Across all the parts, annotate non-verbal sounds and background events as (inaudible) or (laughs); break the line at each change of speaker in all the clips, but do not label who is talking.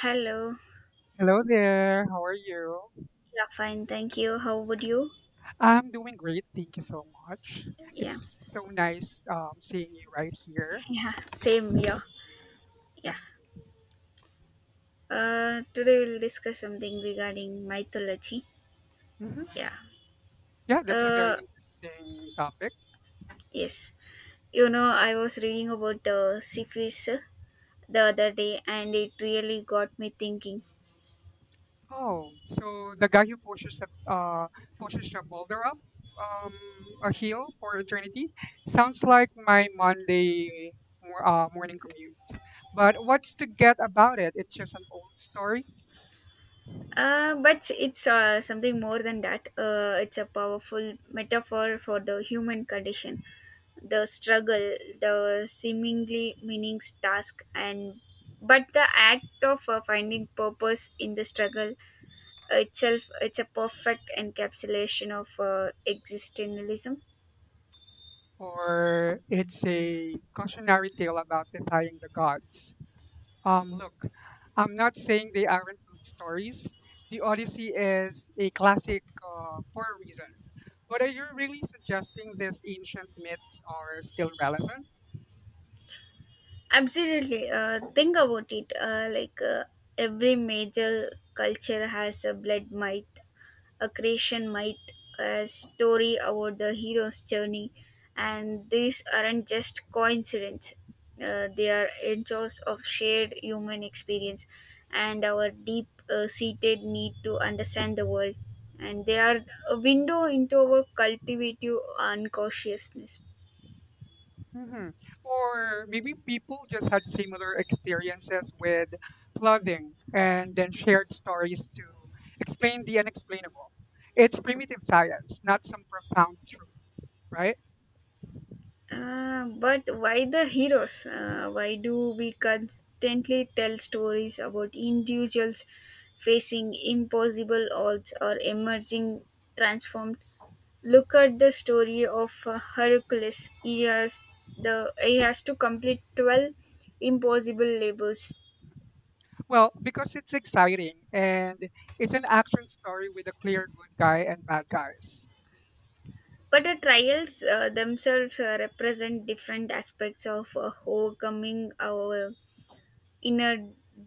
Hello.
Hello there. How are you?
Yeah, fine. Thank you. How would you?
I'm doing great. Thank you so much.
Yeah.
It's so nice seeing you right here.
(laughs) Yeah. Same here. Yeah.
Yeah.
Today we'll discuss something regarding mythology.
Hmm.
Yeah.
Yeah, that's a very
Uh,
interesting topic.
yes. You know, I was reading about Cephas the other day, and it really got me thinking.
Oh, so the guy who pushes a boulder up um, a hill for eternity sounds like my Monday morning commute. But what's to get about it? It's just an old story,
But it's something more than that. It's a powerful metaphor for the human condition, the struggle, the seemingly meaningless task, and but the act of finding purpose in the struggle itself. It's a perfect encapsulation of existentialism.
or it's a cautionary tale about defying the gods. Look, I'm not saying they aren't good stories. The Odyssey is a classic for a reason. But are you really suggesting these ancient myths are still relevant?
Absolutely. Think about it. Every major culture has a blood might, a creation myth, a story about the hero's journey, and these aren't just coincidences. They are echoes of shared human experience and our deep seated need to understand the world. And they are a window into our cultivative unconsciousness.
Hmm. Or maybe people just had similar experiences with flooding and then shared stories to explain the unexplainable. It's primitive science, not some profound truth, right?
But why the heroes? Why do we constantly tell stories about individuals facing impossible odds or emerging transformed? Look at the story of Hercules. He has to complete 12 impossible labors.
Well, because it's exciting and it's an action story with a clear good guy and bad guys.
But the trials themselves represent different aspects of overcoming our inner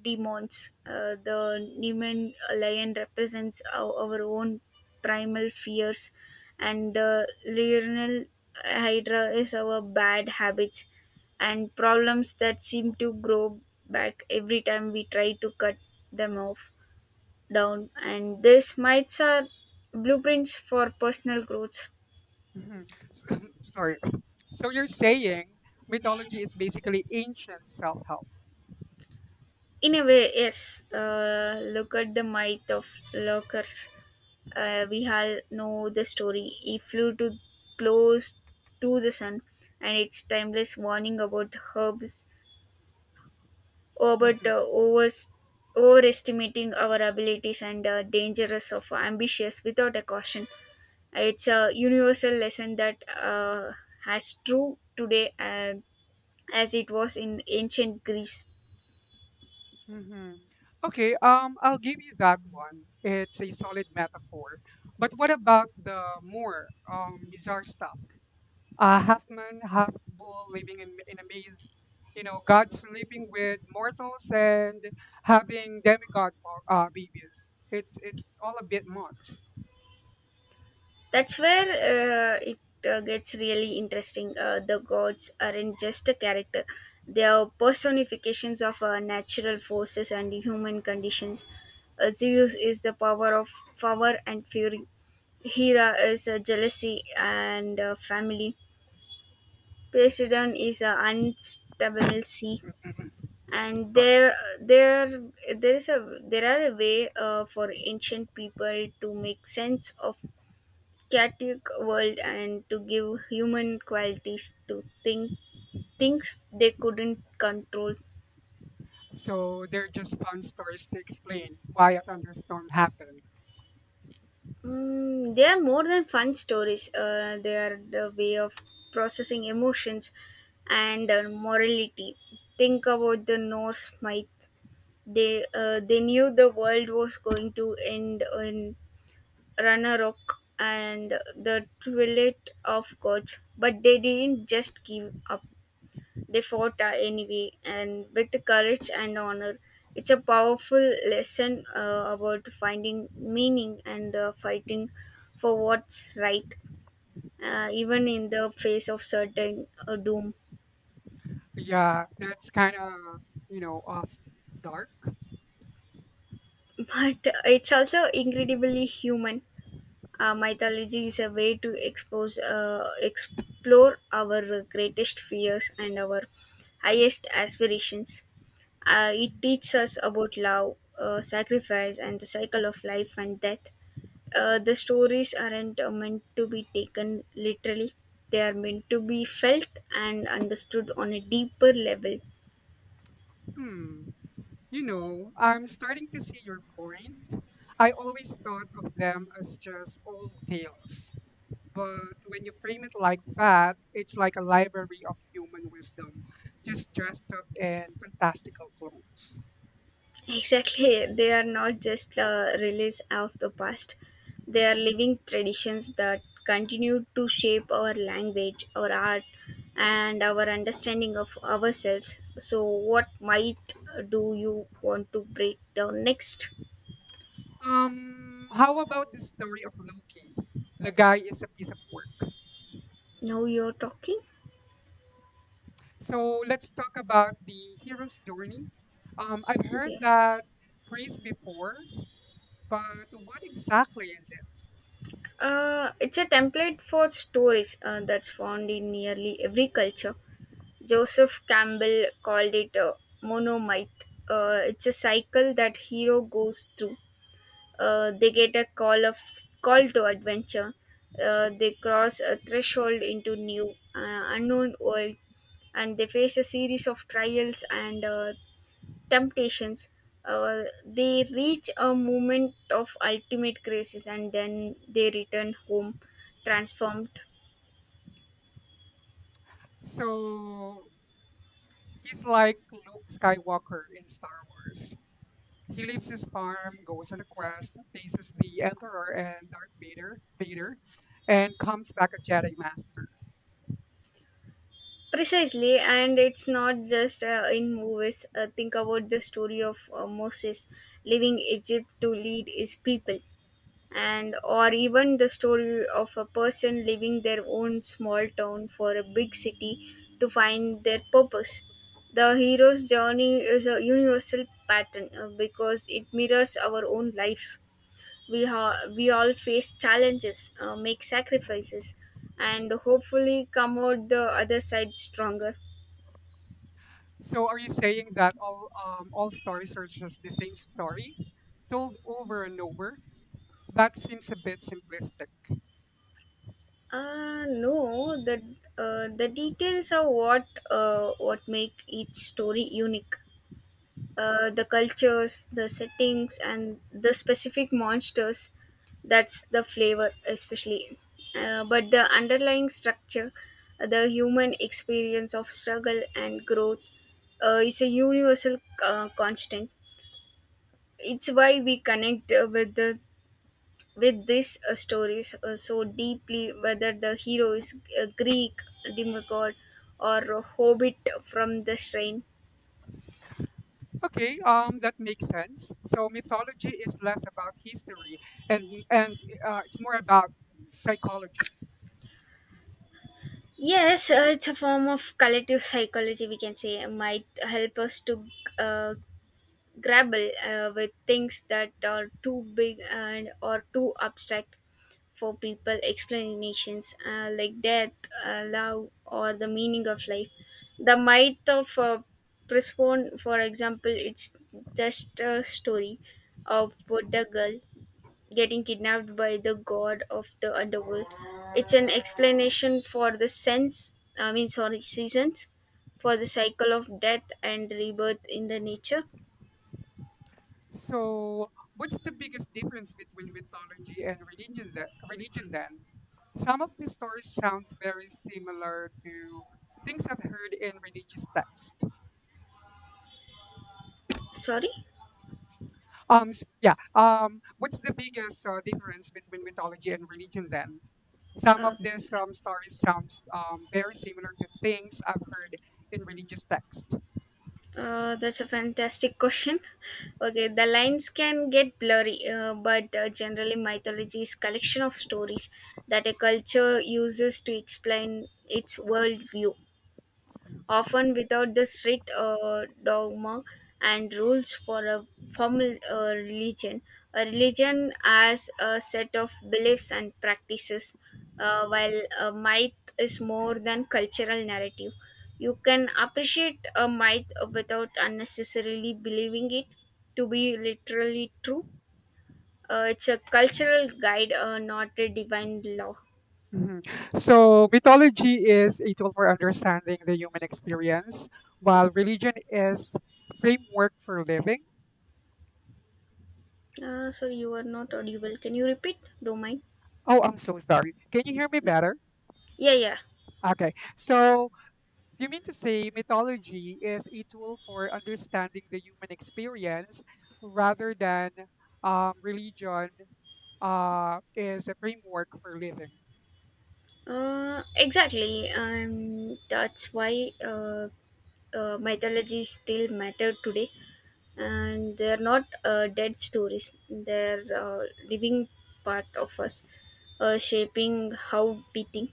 demons. The Nemean lion represents our own primal fears, and the Lionel Hydra is our bad habits and problems that seem to grow back every time we try to cut them off down. And these mites are blueprints for personal growth.
Mhm. (laughs) Sorry. So you're saying mythology is basically ancient self help.
In a way, yes. Look at the might of lurkers. We all know the story. He flew to close to the sun, and its timeless warning about herbs, about
Mhm,
overestimating our abilities and dangerous of ambitious without a caution. It's a universal lesson that has true today as it was in ancient Greece.
mhm. Okay, I'll give you that one. It's a solid metaphor. But what about the more bizarre stuff? Half man, half bull living in a maze, you know, God sleeping with mortals and having demigod babies. It's all a bit much.
That's where it gets really interesting. The gods aren't just a character, they are personifications of natural forces and human conditions. Zeus is the power of power and fury. Hera is jealousy and family. Poseidon is an unstable sea. And there, there are a way for ancient people to make sense of chaotic world and to give human qualities to think things they couldn't control.
So they're just fun stories to explain why a thunderstorm happened.
They are more than fun stories. They are the way of processing emotions and morality. Think about the Norse myth. They knew the world was going to end in Ragnarok and the twilight of gods, but they didn't just give up. They fought anyway and with the courage and honor. It's a powerful lesson about finding meaning and fighting for what's right, even in the face of certain doom.
Yeah, that's kind of, you know, off dark.
(laughs) But it's also incredibly human. Mythology is a way to explore our greatest fears and our highest aspirations. It teaches us about love, sacrifice, and the cycle of life and death. The stories aren't meant to be taken literally, they are meant to be felt and understood on a deeper level. (laughs)
Hmm. You know, I'm starting to see your point. I always thought of them as just old tales. But when you frame it like that, it's like a library of human wisdom, just dressed up in fantastical clothes.
Exactly, they are not just a release of the past, they are living traditions that continue to shape our language, our art, and our understanding of ourselves. So, what might do you want to break down next?
How about the story of Loki? The guy is a piece of work.
Now you're talking?
So let's talk about the hero's journey. I've
Okay.
heard that phrase before, but what exactly is
It's a template for stories that's found in nearly every culture. Joseph Campbell called it a monomyth. It's a cycle that hero goes through. They get a call to adventure. They cross a threshold into new unknown world, and they face a series of trials and temptations. They reach a moment of ultimate crisis and then they return home transformed
it? So he's like Luke Skywalker in Star Wars. He leaves his farm, goes on a quest, faces the Emperor and Darth Vader, and comes back a Jedi Master.
precisely, and it's not just in movies. Think about the story of Moses leaving Egypt to lead his people, and or even the story of a person leaving their own small town for a big city to find their purpose. The hero's journey is a universal pattern because it mirrors our own lives. We all face challenges, make sacrifices, and hopefully come out the other side stronger.
So are you saying that all stories are just the same story, told over and over? That seems a bit simplistic.
No, the details are what make each story unique. The cultures, the settings, and the specific monsters. That's the flavor, especially. But the underlying structure, the human experience of struggle and growth, is a universal constant. It's why we connect with these stories so deeply, whether the hero is a Greek demigod or a hobbit from the shrine.
Okay, that makes sense. So mythology is less about history and it's more about psychology.
Yes, it's a form of collective psychology, we can say, might help us to uh, grapple with things that are too big and or too abstract for people explanations like death, love, or the meaning of life. The myth of Persephone, for example, it's just a story of Buddha girl getting kidnapped by the god of the underworld. It's an explanation for the sense, I mean, sorry, seasons, for the cycle of death and rebirth in the nature.
So what's the biggest difference between mythology and religion? The, religion then, some of the stories sounds very similar to things I've heard in religious texts.
Sorry?
Yeah. What's the biggest difference between mythology and religion then? Some
Uh,
of these stories sounds very similar to things I've heard in religious texts.
that's a fantastic question. (laughs) Okay, the lines can get blurry, but generally, mythology is collection of stories that a culture uses to explain its worldview, often without the strict dogma and rules for a formal religion. A religion as a set of beliefs and practices, while a myth is more than cultural narrative. You can appreciate a myth without unnecessarily believing it to be literally true. It's a cultural guide, not a divine law.
Mhm. So, mythology is a tool for understanding the human experience, while religion is framework for living.
Sorry, you are not audible. Can you repeat? Don't mind.
Oh, I'm so sorry. Can you hear me better?
Yeah, yeah.
Okay. So, you mean to say mythology is a tool for understanding the human experience rather than religion is a framework for living?
Exactly, and that's why mythology still matter today, and they're not dead stories. They're living part of us, shaping how we think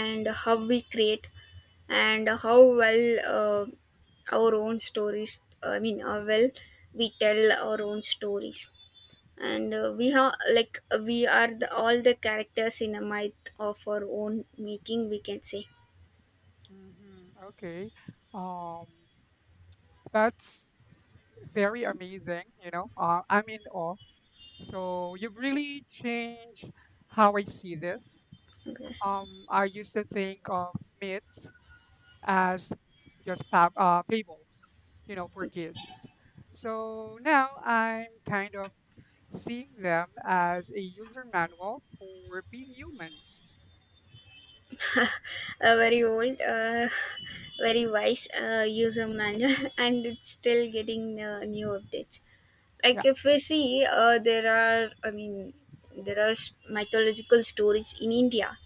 and how we create and how well our own stories. I mean, how well we tell our own stories, and we have like we are the, all the characters in a myth of our own making, we can say.
Hmm. Okay. Um, that's very amazing. You know, I'm in awe. So you've really changed how I see this.
Okay.
I used to think of myths as just fables, you know, for
Okay.
kids. So now I'm kind of seeing them as a user manual for being human.
(laughs) A very old, very wise user manual, (laughs) and it's still getting new updates. Like
Yeah.
if we see, I mean, there are mythological stories in India.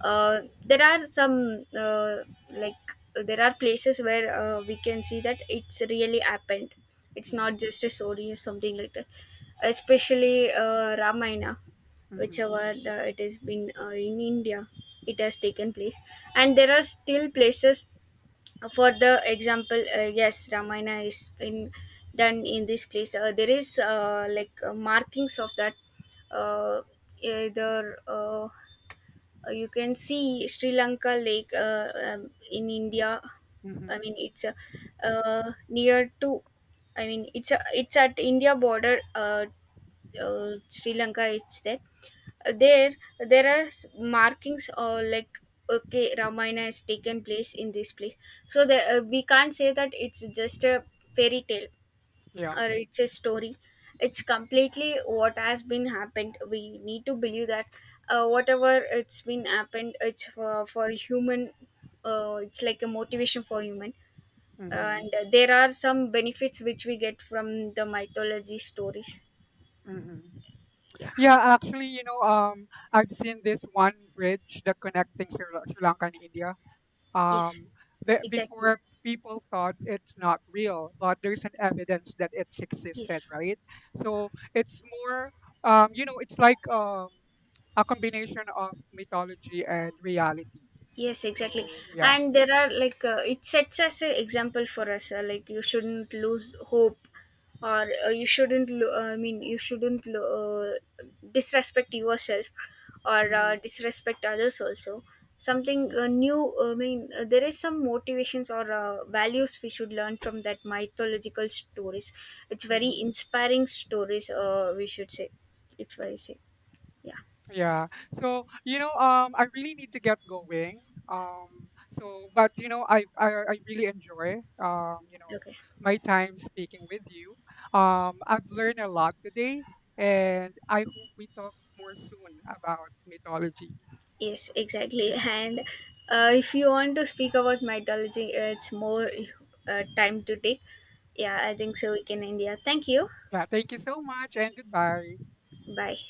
There are some like there are places where we can see that it's really happened. It's
Hmm.
not just a story or something like that. Especially Ramayana,
Hmm.
whichever the, it has been in India, it has taken place. And there are still places, for the example, yes, Ramayana is in done in this place. There is markings of that. Uh, either you can see Sri Lanka Lake in India. I
Hmm.
mean, it's near to, I mean, it's a, it's at India border. Sri Lanka, it's there there there are markings, or like, okay, Ramayana has taken place in this place. So the, we can't say that it's just a fairy tale
Yeah.
or it's a story. It's completely what has been happened. We need to believe that whatever it's been happened, it's for human. It's like a motivation for human,
Hmm.
and there are some benefits which we get from the mythology stories.
Hmm.
Yeah.
Yeah. Actually, you know, I've seen this one bridge that connecting Sri Lanka and India.
Yes,
um, the,
exactly.
before people thought it's not real but there's an evidence that it's existed,
Yes.
right? So it's more, you know, it's like, a combination of mythology and reality,
Yes, exactly.
so yeah.
And there are like it sets as an example for us. Like you shouldn't lose hope, or you shouldn't. I mean, you shouldn't disrespect yourself, or
Mhm.
disrespect others also. Something new. I mean, there is some motivations or values we should learn from that mythological stories. It's very
Mhm.
inspiring stories. We should say. It's what I say. Yeah.
Yeah. So, you know, I really need to get going. So, but you know, I really enjoy,
Okay.
my time speaking with you. I've learned a lot today, and I hope we talk more soon about mythology.
Yes, exactly.
Yeah.
And if you want to speak about mythology, it's more time to take. Yeah, I think so. We can end here. Thank you.
Yeah. Thank you so much, and goodbye.
Bye.